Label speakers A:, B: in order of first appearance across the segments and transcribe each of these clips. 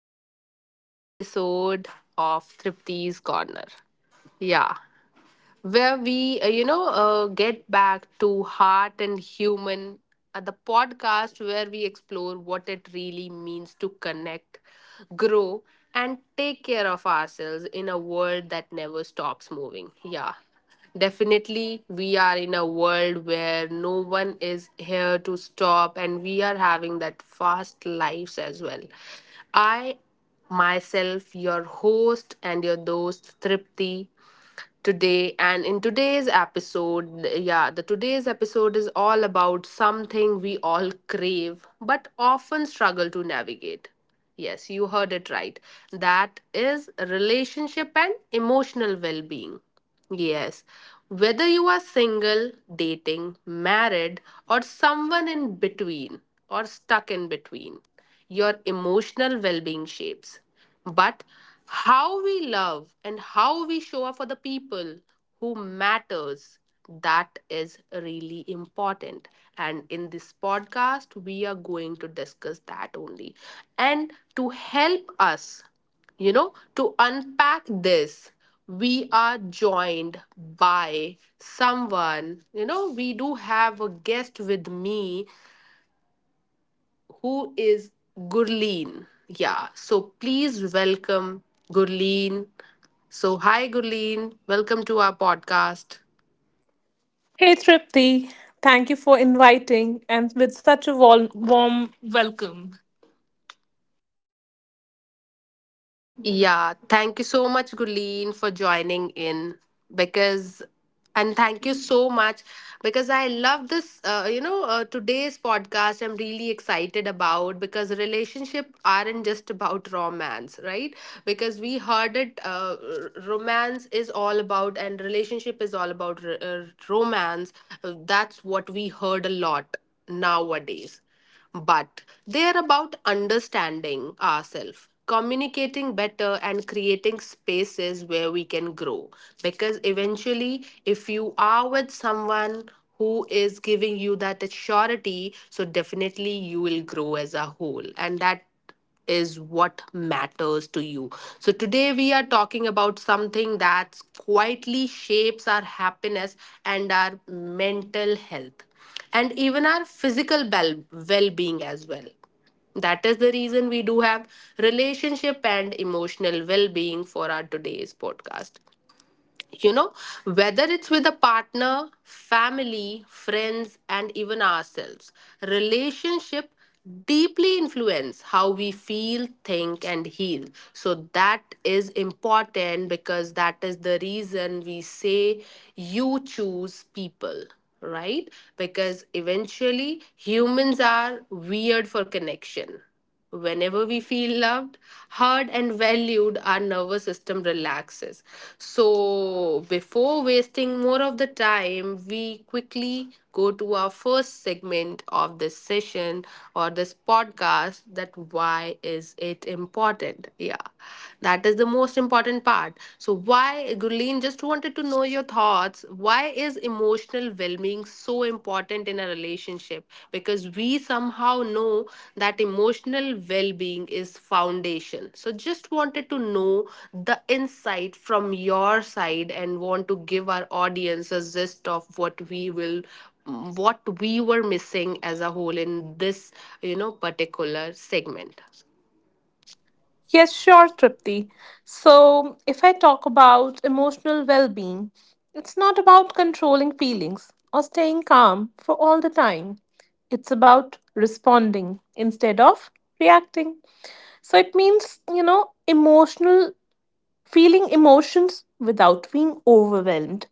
A: to yet another episode of Tripti's Corner. Yeah, where we get back to heart and human at the podcast where we explore what it really means to connect, grow, and take care of ourselves in a world that never stops moving. Yeah. Definitely, we are in a world where no one is here to stop, and we are having that fast lives as well. I myself, your host and your host, Tripti today. And in today's episode, yeah the today's episode is all about something we all crave but often struggle to navigate. Yes, you heard it right. That is relationship and emotional well-being. Yes, whether you are single, dating, married, or someone in between or stuck in between, your emotional well being shapes. But how we love and how we show up for the people who matters, that is really important, and in this podcast we are going to discuss that only. And to help us, to unpack this, we are joined by someone. You know, we do have a guest with me who is Gurleen. Yeah, so please welcome Gurleen. So, hi, Gurleen. Welcome to our podcast.
B: Hey Tripti, thank you for inviting and with such a warm welcome.
A: Yeah, thank you so much, Guleen, for joining in because, and thank you so much because I love this. Today's podcast I'm really excited about because relationship aren't just about romance, right? Because we heard it, romance is all about, and relationship is all about romance. That's what we heard a lot nowadays, but they are about understanding ourselves, communicating better, and creating spaces where we can grow. Because eventually, if you are with someone who is giving you that surety, so definitely you will grow as a whole, and that is what matters to you. So, today we are talking about something that quietly shapes our happiness and our mental health, and even our physical well being as well. That is the reason we do have relationship and emotional well being for our today's podcast. You know, whether it's with a partner, family, friends, and even ourselves, relationship deeply influence how we feel, think, and heal. So that is important because that is the reason we say you choose people, right? Because eventually humans are weird for connection. Whenever we feel loved, heard, and valued, our nervous system relaxes. So, before wasting more of the time, we quickly go to our first segment of this session or this podcast, that why is it important? Yeah, that is the most important part. So, why, Gurleen, just wanted to know your thoughts. Why is emotional well being so important in a relationship? Because we somehow know that emotional well being is foundation. So, just wanted to know the insight from your side and want to give our audience a gist of what we were missing as a whole in this, you know, particular segment.
B: Yes, sure, Tripti. So, if I talk about emotional well being, it's not about controlling feelings or staying calm for all the time. It's about responding instead of reacting. So, it means, emotional feeling emotions without being overwhelmed,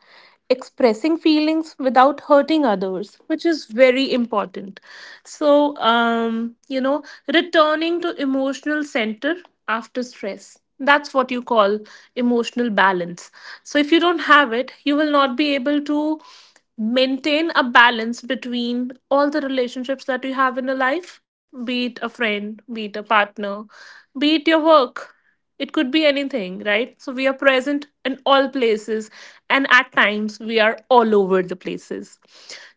B: expressing feelings without hurting others, which is very important. So, returning to emotional center after stress. That's what you call emotional balance. So, if you don't have it, you will not be able to maintain a balance between all the relationships that you have in your life, be it a friend, be it a partner, be it your work. It could be anything, right? So we are present in all places, and at times we are all over the places.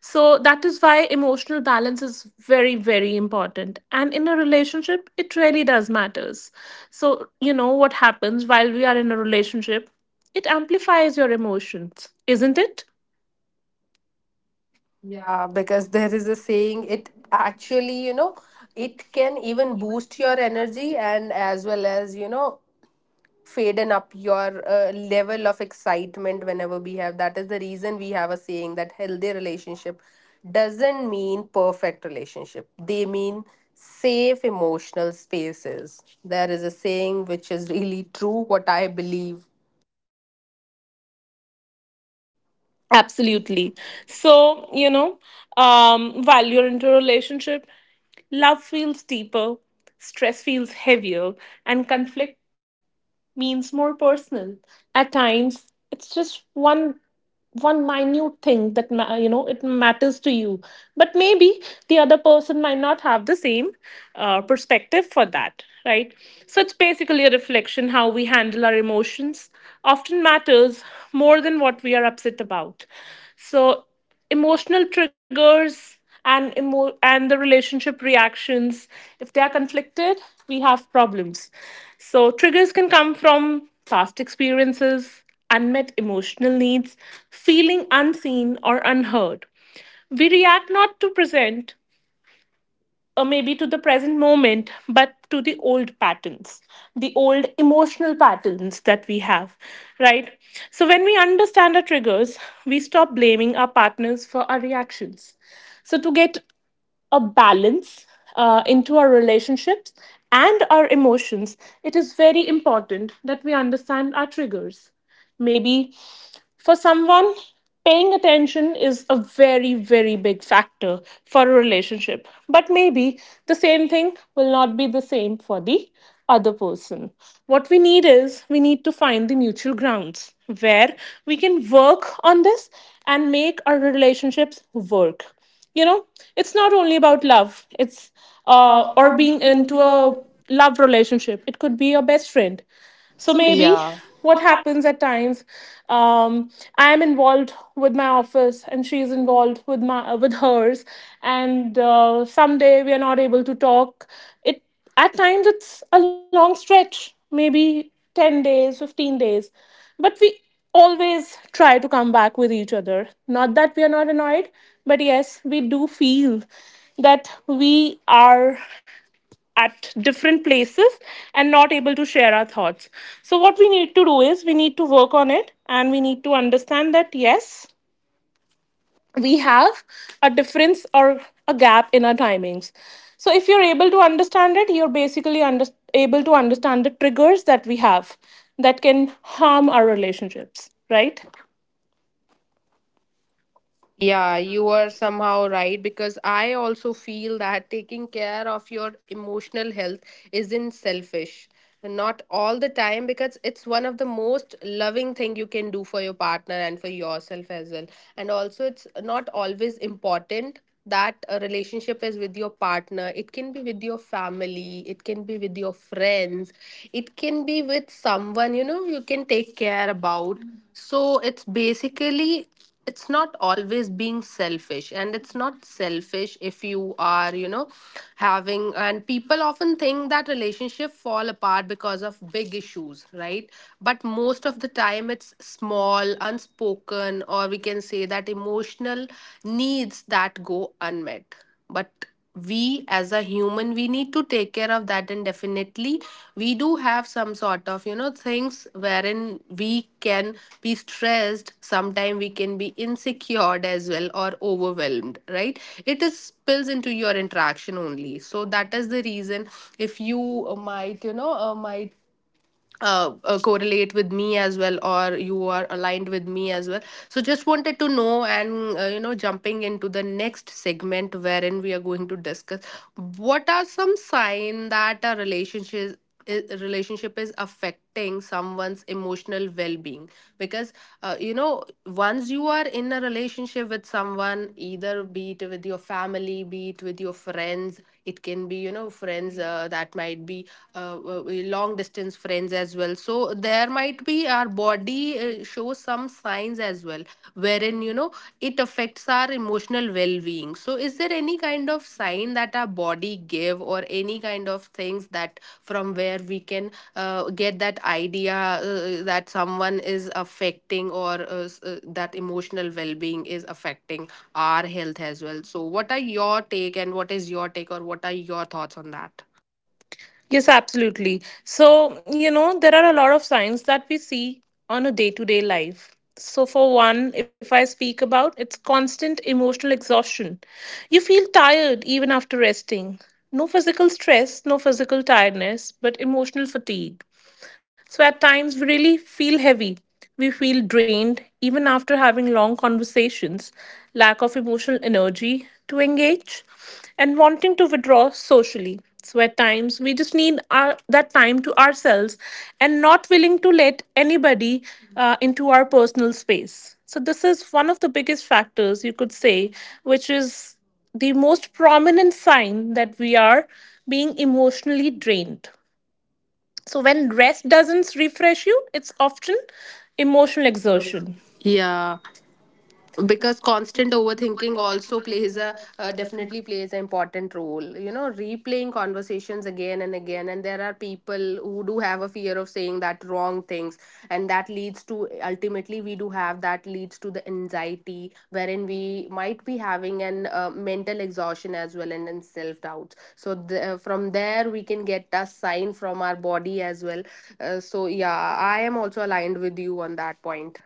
B: So that is why emotional balance is very, very important. And in a relationship, it really does matters. So you know what happens while we are in a relationship, it amplifies your emotions, isn't it?
A: Yeah, because there is a saying, it actually, you know, it can even boost your energy and as well as, you know, faden up your level of excitement whenever we have. That is the reason we have a saying that healthy relationship doesn't mean perfect relationship. They mean safe emotional spaces. There is a saying which is really true, what I believe.
B: Absolutely. So, while you're into a relationship, love feels deeper, stress feels heavier, and conflict means more personal. At times, it's just one minute thing that it matters to you, but maybe the other person might not have the same perspective for that, right? So it's basically a reflection. How we handle our emotions often matters more than what we are upset about. So emotional triggers and the relationship reactions, if they are conflicted, we have problems. So triggers can come from past experiences, unmet emotional needs, feeling unseen or unheard. We react not to present, maybe to the present moment, but to the old patterns, the old emotional patterns that we have, right? So when we understand our triggers, we stop blaming our partners for our reactions. So to get a balance into our relationships and our emotions, it is very important that we understand our triggers. Maybe for someone, paying attention is a very, very big factor for a relationship. But maybe the same thing will not be the same for the other person. What we need is we need to find the mutual grounds where we can work on this and make our relationships work. You know, it's not only about love, it's or being into a love relationship, it could be your best friend. So maybe
A: Yeah.
B: what happens at times, um, I'm involved with my office and she's involved with my with hers, and someday we are not able to talk. It At times, it's a long stretch, maybe 10 days, 15 days, but we always try to come back with each other. Not that we are not annoyed, but yes, we do feel that we are at different places and not able to share our thoughts. So, what we need to do is we need to work on it and we need to understand that yes, we have a difference or a gap in our timings. So, if you're able to understand it, you're basically able to understand the triggers that we have that can harm our relationships, right?
A: Yeah, you are somehow right because I also feel that taking care of your emotional health isn't selfish. Not all the time because it's one of the most loving thing you can do for your partner and for yourself as well. And also it's not always important that a relationship is with your partner. It can be with your family, it can be with your friends, it can be with someone, you know, you can take care about. So it's basically, it's not always being selfish, and it's not selfish if you are, you know, having. And people often think that relationship fall apart because of big issues, right? But most of the time it's small unspoken, or we can say that emotional needs that go unmet. But we as a human we need to take care of that, and definitely we do have some sort of, you know, things wherein we can be stressed. Sometimes we can be insecure as well or overwhelmed, right? It is spills into your interaction only. So that is the reason, if you might you know might correlate with me as well or you are aligned with me as well, so just wanted to know. And, jumping into the next segment wherein we are going to discuss what are some signs that a relationship is affecting someone's emotional well-being. Because, once you are in a relationship with someone, either be it with your family, be it with your friends, it can be, you know, friends that might be long distance friends as well. So there might be, our body shows some signs as well, wherein, you know, it affects our emotional well-being. So is there any kind of sign that our body give, or any kind of things that from where we can get that idea, that someone is affecting, or that emotional well-being is affecting our health as well? So what are your take, and what is your take, or what are your thoughts on that?
B: Yes, absolutely. So, you know, there are a lot of signs that we see on a day to day life. So, for one, if I speak about, it's constant emotional exhaustion. You feel tired even after resting. No physical stress, no physical tiredness, but emotional fatigue. So at times, we really feel heavy. We feel drained even after having long conversations, lack of emotional energy to engage, and wanting to withdraw socially. So at times, we just need that time to ourselves and not willing to let anybody into our personal space. So this is one of the biggest factors you could say, which is the most prominent sign that we are being emotionally drained. So when rest doesn't refresh you, it's often emotional exertion.
A: Yeah, because constant overthinking also plays a definitely plays an important role, you know, replaying conversations again and again. And there are people who do have a fear of saying that wrong things, and that leads to, ultimately we do have, that leads to the anxiety wherein we might be having an mental exhaustion as well, and self doubts. So from there we can get a sign from our body as well. So yeah, I am also aligned with you on that point.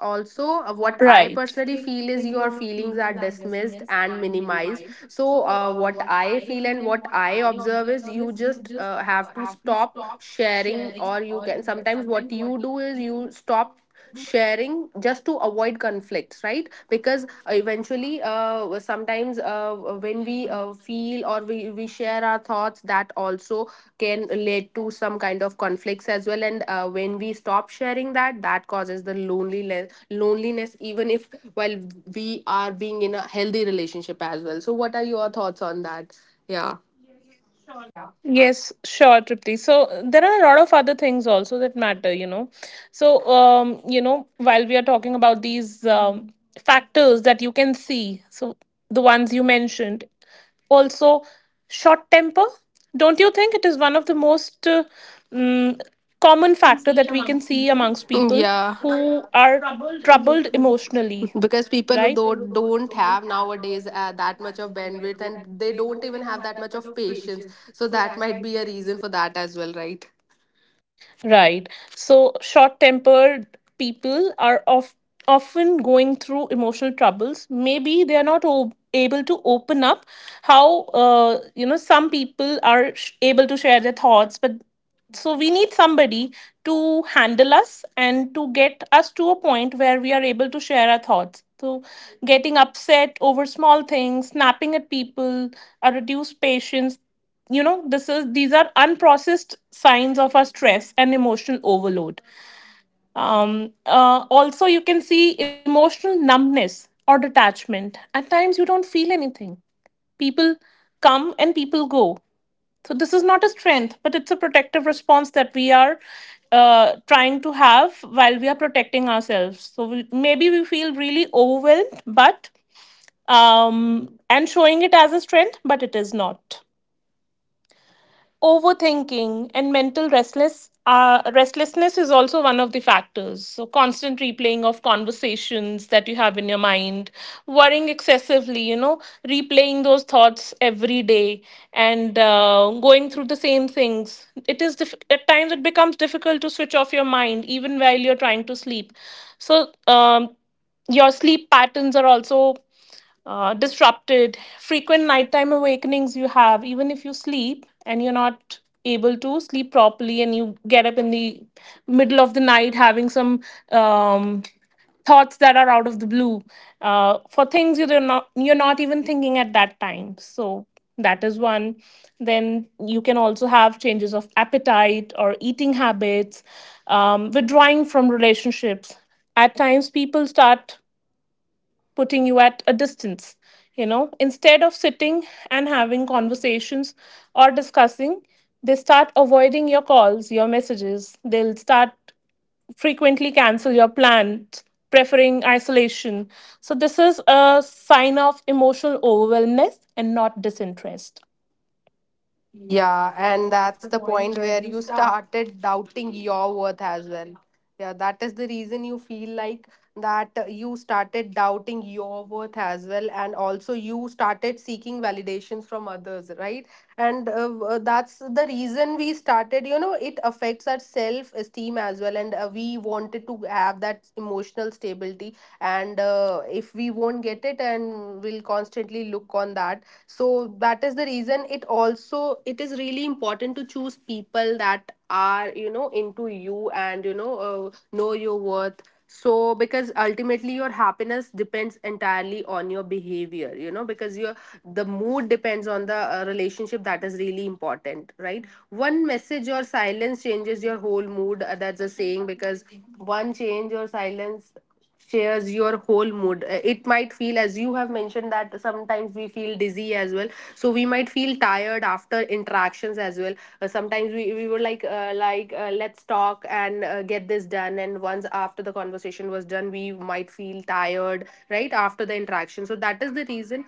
A: Also, what I
B: Right.
A: personally feel is your feelings are dismissed and minimized. So, what I feel and what I observe is you just have to stop sharing, or you can sometimes, what you do is you stop sharing, just to avoid conflicts, right? Because eventually, sometimes when we feel or we share our thoughts, that also can lead to some kind of conflicts as well. And when we stop sharing, that that causes the loneliness, even if while we are being in a healthy relationship as well. So what are your thoughts on that? Yeah.
B: Yes, sure, Tripti. So there are a lot of other things also that matter, you know. So, you know, while we are talking about these factors that you can see, so the ones you mentioned, also short temper, don't you think it is one of the most mm, common factor that we can see amongst people
A: Mm, yeah,
B: who are troubled emotionally,
A: because
B: right?
A: people who don't have nowadays that much of bandwidth, and they don't even have that much of patience. So that might be a reason for that as well, right?
B: Right. So short tempered people are, of, often going through emotional troubles. Maybe they are not able to open up. How, some people are able to share their thoughts, but so we need somebody to handle us and to get us to a point where we are able to share our thoughts. So getting upset over small things, snapping at people, a reduced patience, you know, this is, these are unprocessed signs of our stress and emotional overload. Also, you can see emotional numbness or detachment. At times you don't feel anything. People come and people go. So this is not a strength, but it's a protective response that we are trying to have while we are protecting ourselves. So maybe we feel really overwhelmed, but and showing it as a strength, but it is not. Overthinking and mental restlessness is also one of the factors. So constant replaying of conversations that you have in your mind, worrying excessively, you know, replaying those thoughts every day and going through the same things, it is at times it becomes difficult to switch off your mind even while you're trying to sleep. So your sleep patterns are also disrupted. Frequent nighttime awakenings you have, even if you sleep and you're not able to sleep properly, and you get up in the middle of the night having some um, thoughts that are out of the blue for things you're not even thinking at that time. So that is one. Then you can also have changes of appetite or eating habits, withdrawing from relationships. At times, people start putting you at a distance. You know, instead of sitting and having conversations or discussing, they start avoiding your calls, your messages, they'll start frequently cancel your plans, preferring isolation. So this is a sign of emotional overwhelmness and not disinterest.
A: Yeah, and that's the point where you started doubting your worth as well. Yeah, that is the reason you feel like that you started doubting your worth as well, and also you started seeking validations from others, right? And that's the reason we started, you know, it affects our self esteem as well. And we wanted to have that emotional stability. And if we won't get it, and we'll constantly look on that. So that is the reason it also, it is really important to choose people that are, you know, into you, and you know your worth. So, because ultimately your happiness depends entirely on your behavior, you know, because your, the mood depends on the relationship. That is really important, right? One message or silence changes your whole mood. That's a saying, because one change or silence shares your whole mood. It might feel, as you have mentioned, that sometimes we feel dizzy as well. So we might feel tired after interactions as well. Sometimes we were like let's talk and get this done, and once after the conversation was done we might feel tired right after the interaction. So that is the reason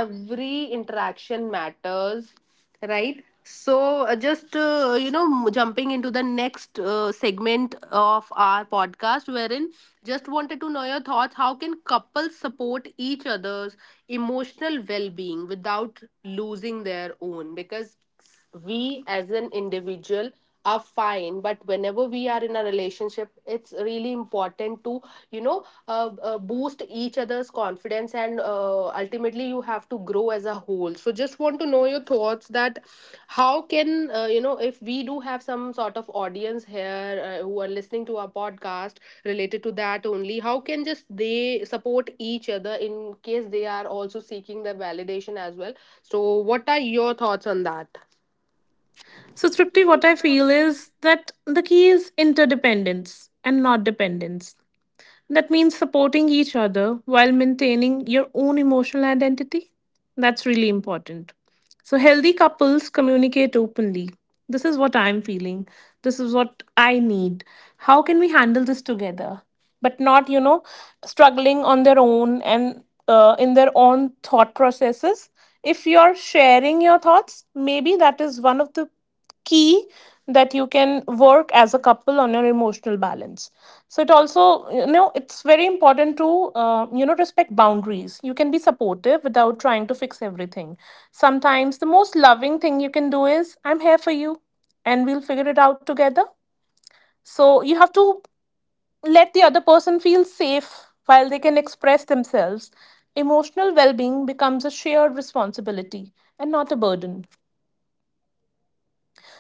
A: every interaction matters, right? So, just you know m- jumping into the next segment of our podcast wherein just wanted to know your thoughts, how can couples support each other's emotional well-being without losing their own? Because we as an individual are fine, but whenever we are in a relationship it's really important to, you know, boost each other's confidence, and ultimately you have to grow as a whole. So just want to know your thoughts that how can, if we do have some sort of audience here who are listening to our podcast related to that only, how can just they support each other in case they are also seeking the validation as well? So what are your thoughts on that?
B: So, Tripti, what I feel is that the key is interdependence and not dependence. That means supporting each other while maintaining your own emotional identity. That's really important. So, healthy couples communicate openly. This is what I'm feeling. This is what I need. How can we handle this together? But not, you know, struggling on their own and in their own thought processes. If you're sharing your thoughts, maybe that is one of the key that you can work as a couple on your emotional balance. So it also, you know, it's very important to, respect boundaries. You can be supportive without trying to fix everything. Sometimes the most loving thing you can do is, I'm here for you and we'll figure it out together. So you have to let the other person feel safe while they can express themselves. Emotional well-being becomes a shared responsibility and not a burden.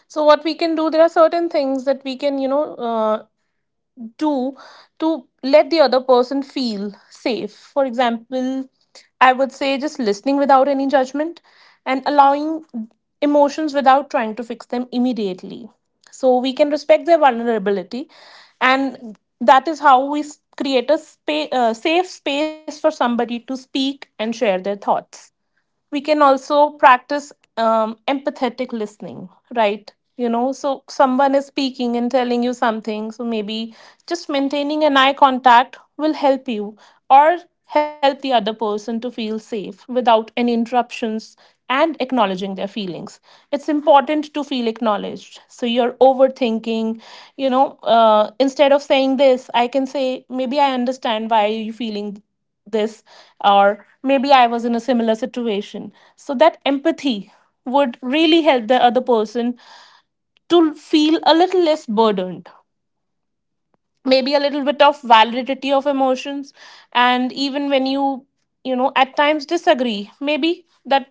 B: So what we can do, there are certain things that we can, do to let the other person feel safe. For example, I would say just listening without any judgment and allowing emotions without trying to fix them immediately. So we can respect their vulnerability, and that is how we create a safe space for somebody to speak and share their thoughts. We can also practice empathetic listening, right? You know, so someone is speaking and telling you something, so maybe just maintaining an eye contact will help you or help the other person to feel safe without any interruptions and acknowledging their feelings. It's important to feel acknowledged. So you're overthinking, you know, instead of saying this, I can say, maybe I understand why you're feeling this, or maybe I was in a similar situation. So that empathy would really help the other person to feel a little less burdened. Maybe a little bit of validity of emotions, and even when you know, at times disagree, maybe that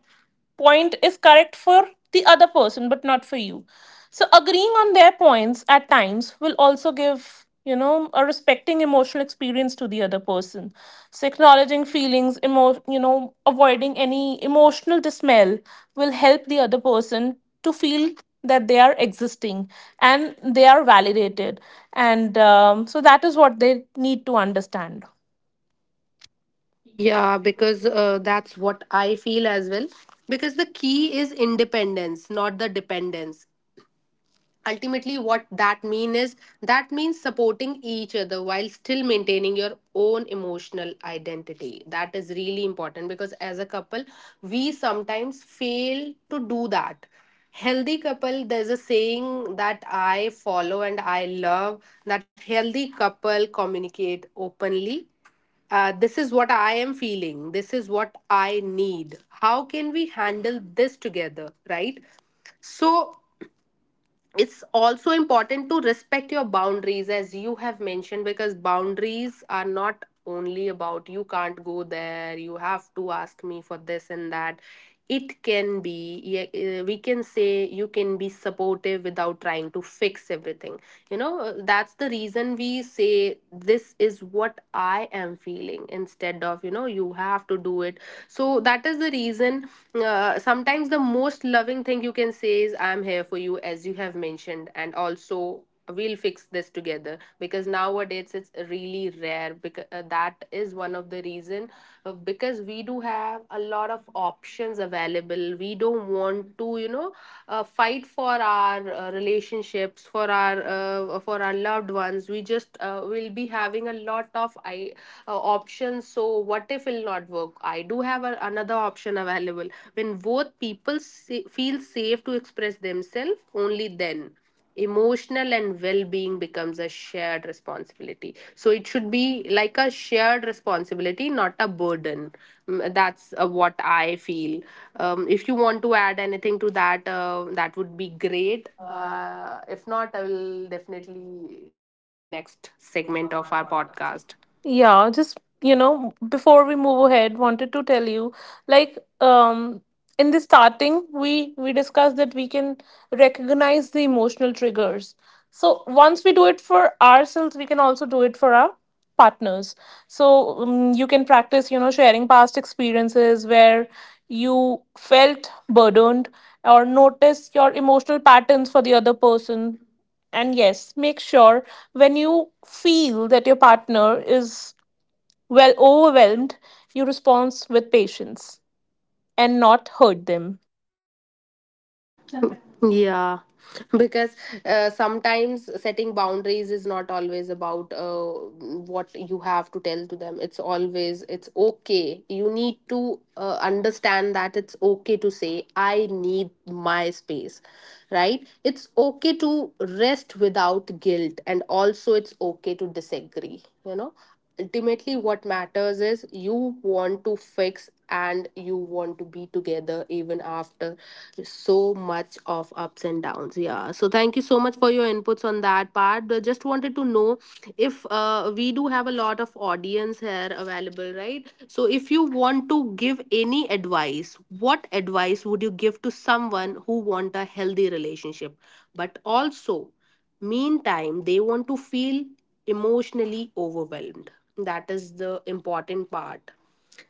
B: point is correct for the other person but not for you. So agreeing on their points at times will also give, you know, a respecting emotional experience to the other person. So acknowledging feelings, avoiding any emotional dismay will help the other person to feel that they are existing and they are validated, and so that is what they need to understand.
A: Yeah, because that's what I feel as well. Because the key is independence, not the dependence. Ultimately what that mean is that means supporting each other while still maintaining your own emotional identity. That is really important because as a couple we sometimes fail to do that. Healthy couple, there's a saying that I follow and I love that: healthy couple communicate openly. This is what I am feeling. This is what I need. How can we handle this together? Right? So, it's also important to respect your boundaries, as you have mentioned, because boundaries are not only about you can't go there, you have to ask me for this and that. It can be, yeah, we can say you can be supportive without trying to fix everything, that's the reason we say this is what I am feeling instead of, you know, you have to do it. So that is the reason. Sometimes the most loving thing you can say is I'm here for you, as you have mentioned, and also we'll fix this together. Because nowadays it's really rare, because that is one of the reason, because we do have a lot of options available. We don't want to, you know, fight for our relationships, for our for our loved ones. We just will be having a lot of I options. So what if it'll not work? I do have a, another option available. When both people feel safe to express themselves, only then emotional and well-being becomes a shared responsibility. So it should be like a shared responsibility, not a burden. Mm, that's what I feel. If you want to add anything to that, that would be great. If not, I will definitely go to the next segment of our podcast.
B: Yeah, just, before we move ahead, wanted to tell you, like, in the starting, we discussed that we can recognize the emotional triggers. So once we do it for ourselves, we can also do it for our partners. So you can practice, you know, sharing past experiences where you felt burdened or notice your emotional patterns for the other person, and yes, make sure when you feel that your partner is well overwhelmed, you respond with patience and not hurt them.
A: Yeah, because sometimes setting boundaries is not always about what you have to tell to them. It's always, it's okay. You need to understand that it's okay to say, I need my space, right? It's okay to rest without guilt, and also it's okay to disagree, you know? Ultimately what matters is you want to fix and you want to be together even after so much of ups and downs. Yeah, so thank you so much for your inputs on that part. I just wanted to know, if we do have a lot of audience here available, right? So if you want to give any advice, what advice would you give to someone who want a healthy relationship, but also meantime, they want to feel emotionally overwhelmed. That is the important part.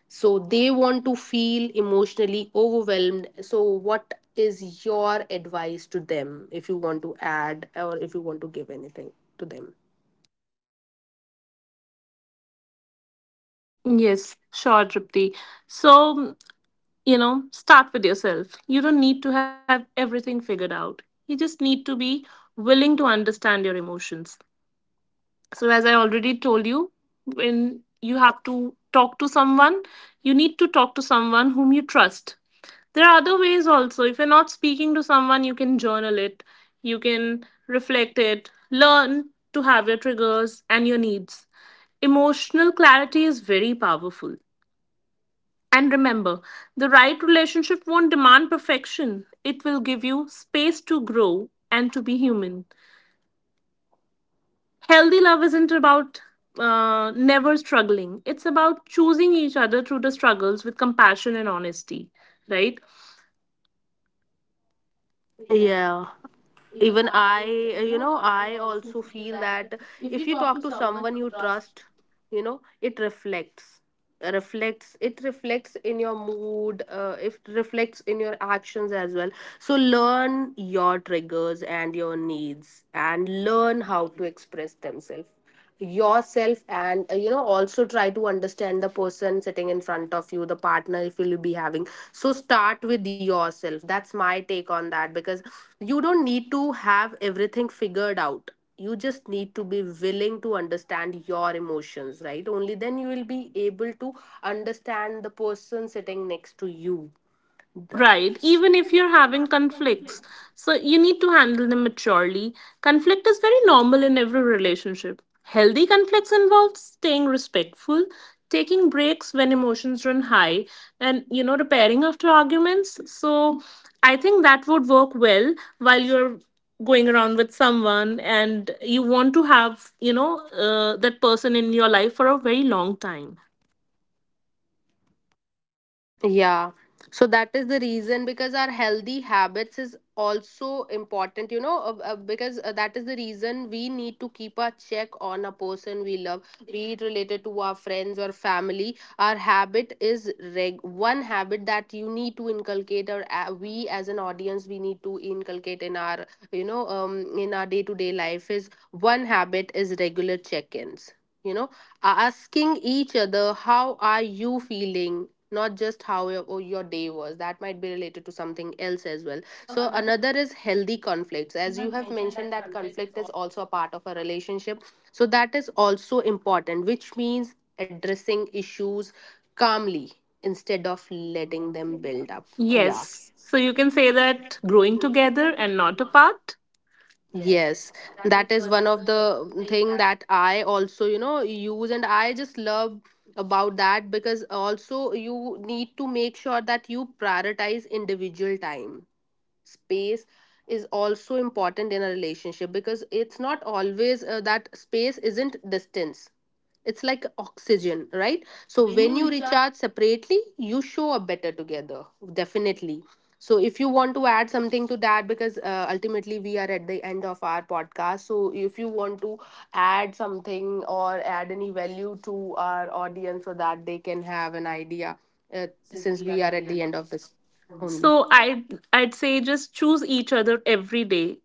A: So, they want to feel emotionally overwhelmed. So, what is your advice to them, if you want to add or if you want to give anything to them?
B: Yes, sure, Tripti. So, you know, start with yourself. You don't need to have everything figured out. You just need to be willing to understand your emotions. So, as I already told you, when you have to talk to someone, you need to talk to someone whom you trust. There are other ways also. If you're not speaking to someone, you can journal it, you can reflect it, learn to have your triggers and your needs. Emotional clarity is very powerful. And remember, the right relationship won't demand perfection, it will give you space to grow and to be human. Healthy love isn't about never struggling, it's about choosing each other through the struggles with compassion and honesty, right?
A: Yeah. Even I, you know, I also feel that if you talk to someone you trust, you know, it reflects. It reflects in your mood, it reflects in your actions as well. So learn your triggers and your needs and learn how to express themselves, yourself, and you know, also try to understand the person sitting in front of you, the partner, if you'll be having. So start with yourself. That's my take on that, because you don't need to have everything figured out. You just need to be willing to understand your emotions, right? Only then you will be able to understand the person sitting next to you.
B: Right, even if you're having conflicts. So you need to handle them maturely. Conflict is very normal in every relationship. Healthy conflicts involve staying respectful, taking breaks when emotions run high, and, you know, repairing after arguments. So I think that would work well while you're going around with someone and you want to have, you know, that person in your life for a very long time.
A: Yeah. So that is the reason, because our healthy habits is also important, you know, because that is the reason we need to keep a check on a person we love, be it related to our friends or family. Our habit is one habit that you need to inculcate, or we as an audience, we need to inculcate in our, you know, in our day to day life, is one habit is regular check ins, you know, asking each other how are you feeling, not just how your, oh, your day was, that might be related to something else as well. So another is healthy conflicts, as you have mentioned, that conflict is also a part of a relationship, so that is also important, which means addressing issues calmly instead of letting them build up. Yeah.
B: Yes. So you can say that growing together and not apart.
A: Yes, that is one of the thing that I also, you know, use and I just love about that, because also you need to make sure that you prioritize individual time. Space is also important in a relationship, because it's not always that space isn't distance, it's like oxygen, right? So when you recharge separately, you show up better together. Definitely. So if you want to add something to that, because ultimately we are at the end of our podcast, so if you want to add something or add any value to our audience so that they can have an idea, uh, since we are at the end of this only.
B: So I'd say just choose each other every day,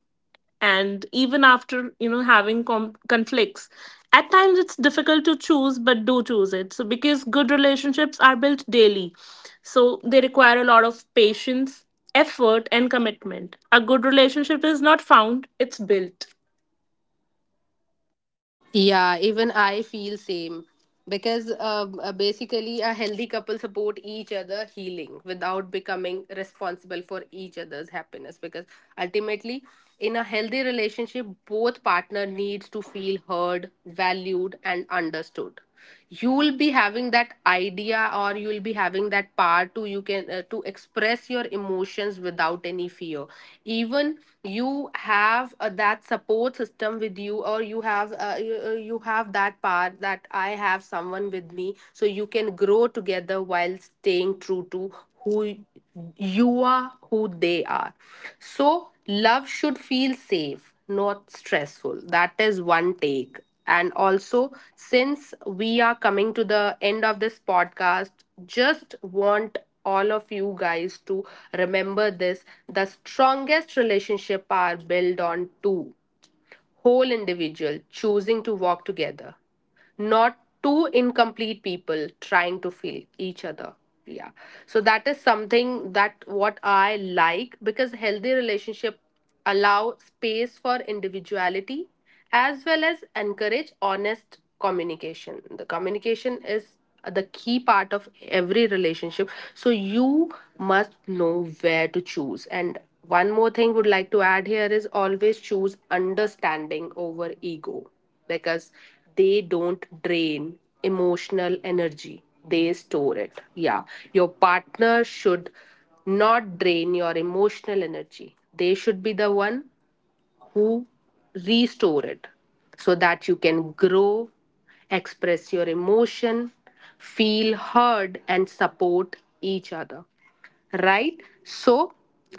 B: and even after, having conflicts, at times it's difficult to choose, but do choose it. So because good relationships are built daily, so they require a lot of patience, effort and commitment. A good relationship is not found, it's built.
A: Yeah, even I feel same, because basically a healthy couple support each other healing without becoming responsible for each other's happiness, because ultimately in a healthy relationship both partner needs to feel heard, valued and understood. You'll be having that idea, or you'll be having that power to you can to express your emotions without any fear. Even you have that support system with you, or you have you have that part that I have someone with me. So you can grow together while staying true to who you are, who they are. So love should feel safe, not stressful. That is one take. And also, since we are coming to the end of this podcast, just want all of you guys to remember this: the strongest relationship are built on two whole individual choosing to walk together, not two incomplete people trying to fill each other. Yeah. So that is something that what I like, because healthy relationship allow space for individuality as well as encourage honest communication. The communication is the key part of every relationship. So you must know where to choose. And one more thing would like to add here is always choose understanding over ego, because they don't drain emotional energy. They store it. Yeah. Your partner should not drain your emotional energy. They should be the one who restore it, so that you can grow, express your emotion, feel heard, and support each other. Right? So,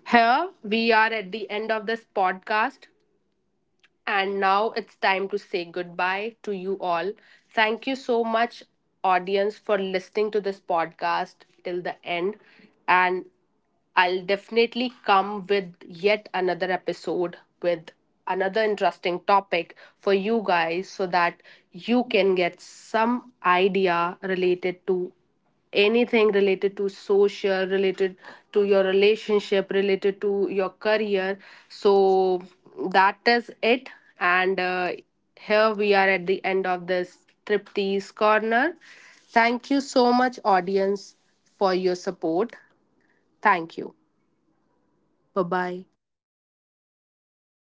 A: here we are at the end of this podcast. And now it's time to say goodbye to you all. Thank you so much, audience, for listening to this podcast till the end. And I'll definitely come with yet another episode with another interesting topic for you guys, so that you can get some idea related to anything related to social, related to your relationship, related to your career. So that is it. And here we are at the end of this triptease corner. Thank you so much, audience, for your support. Thank you. Bye bye.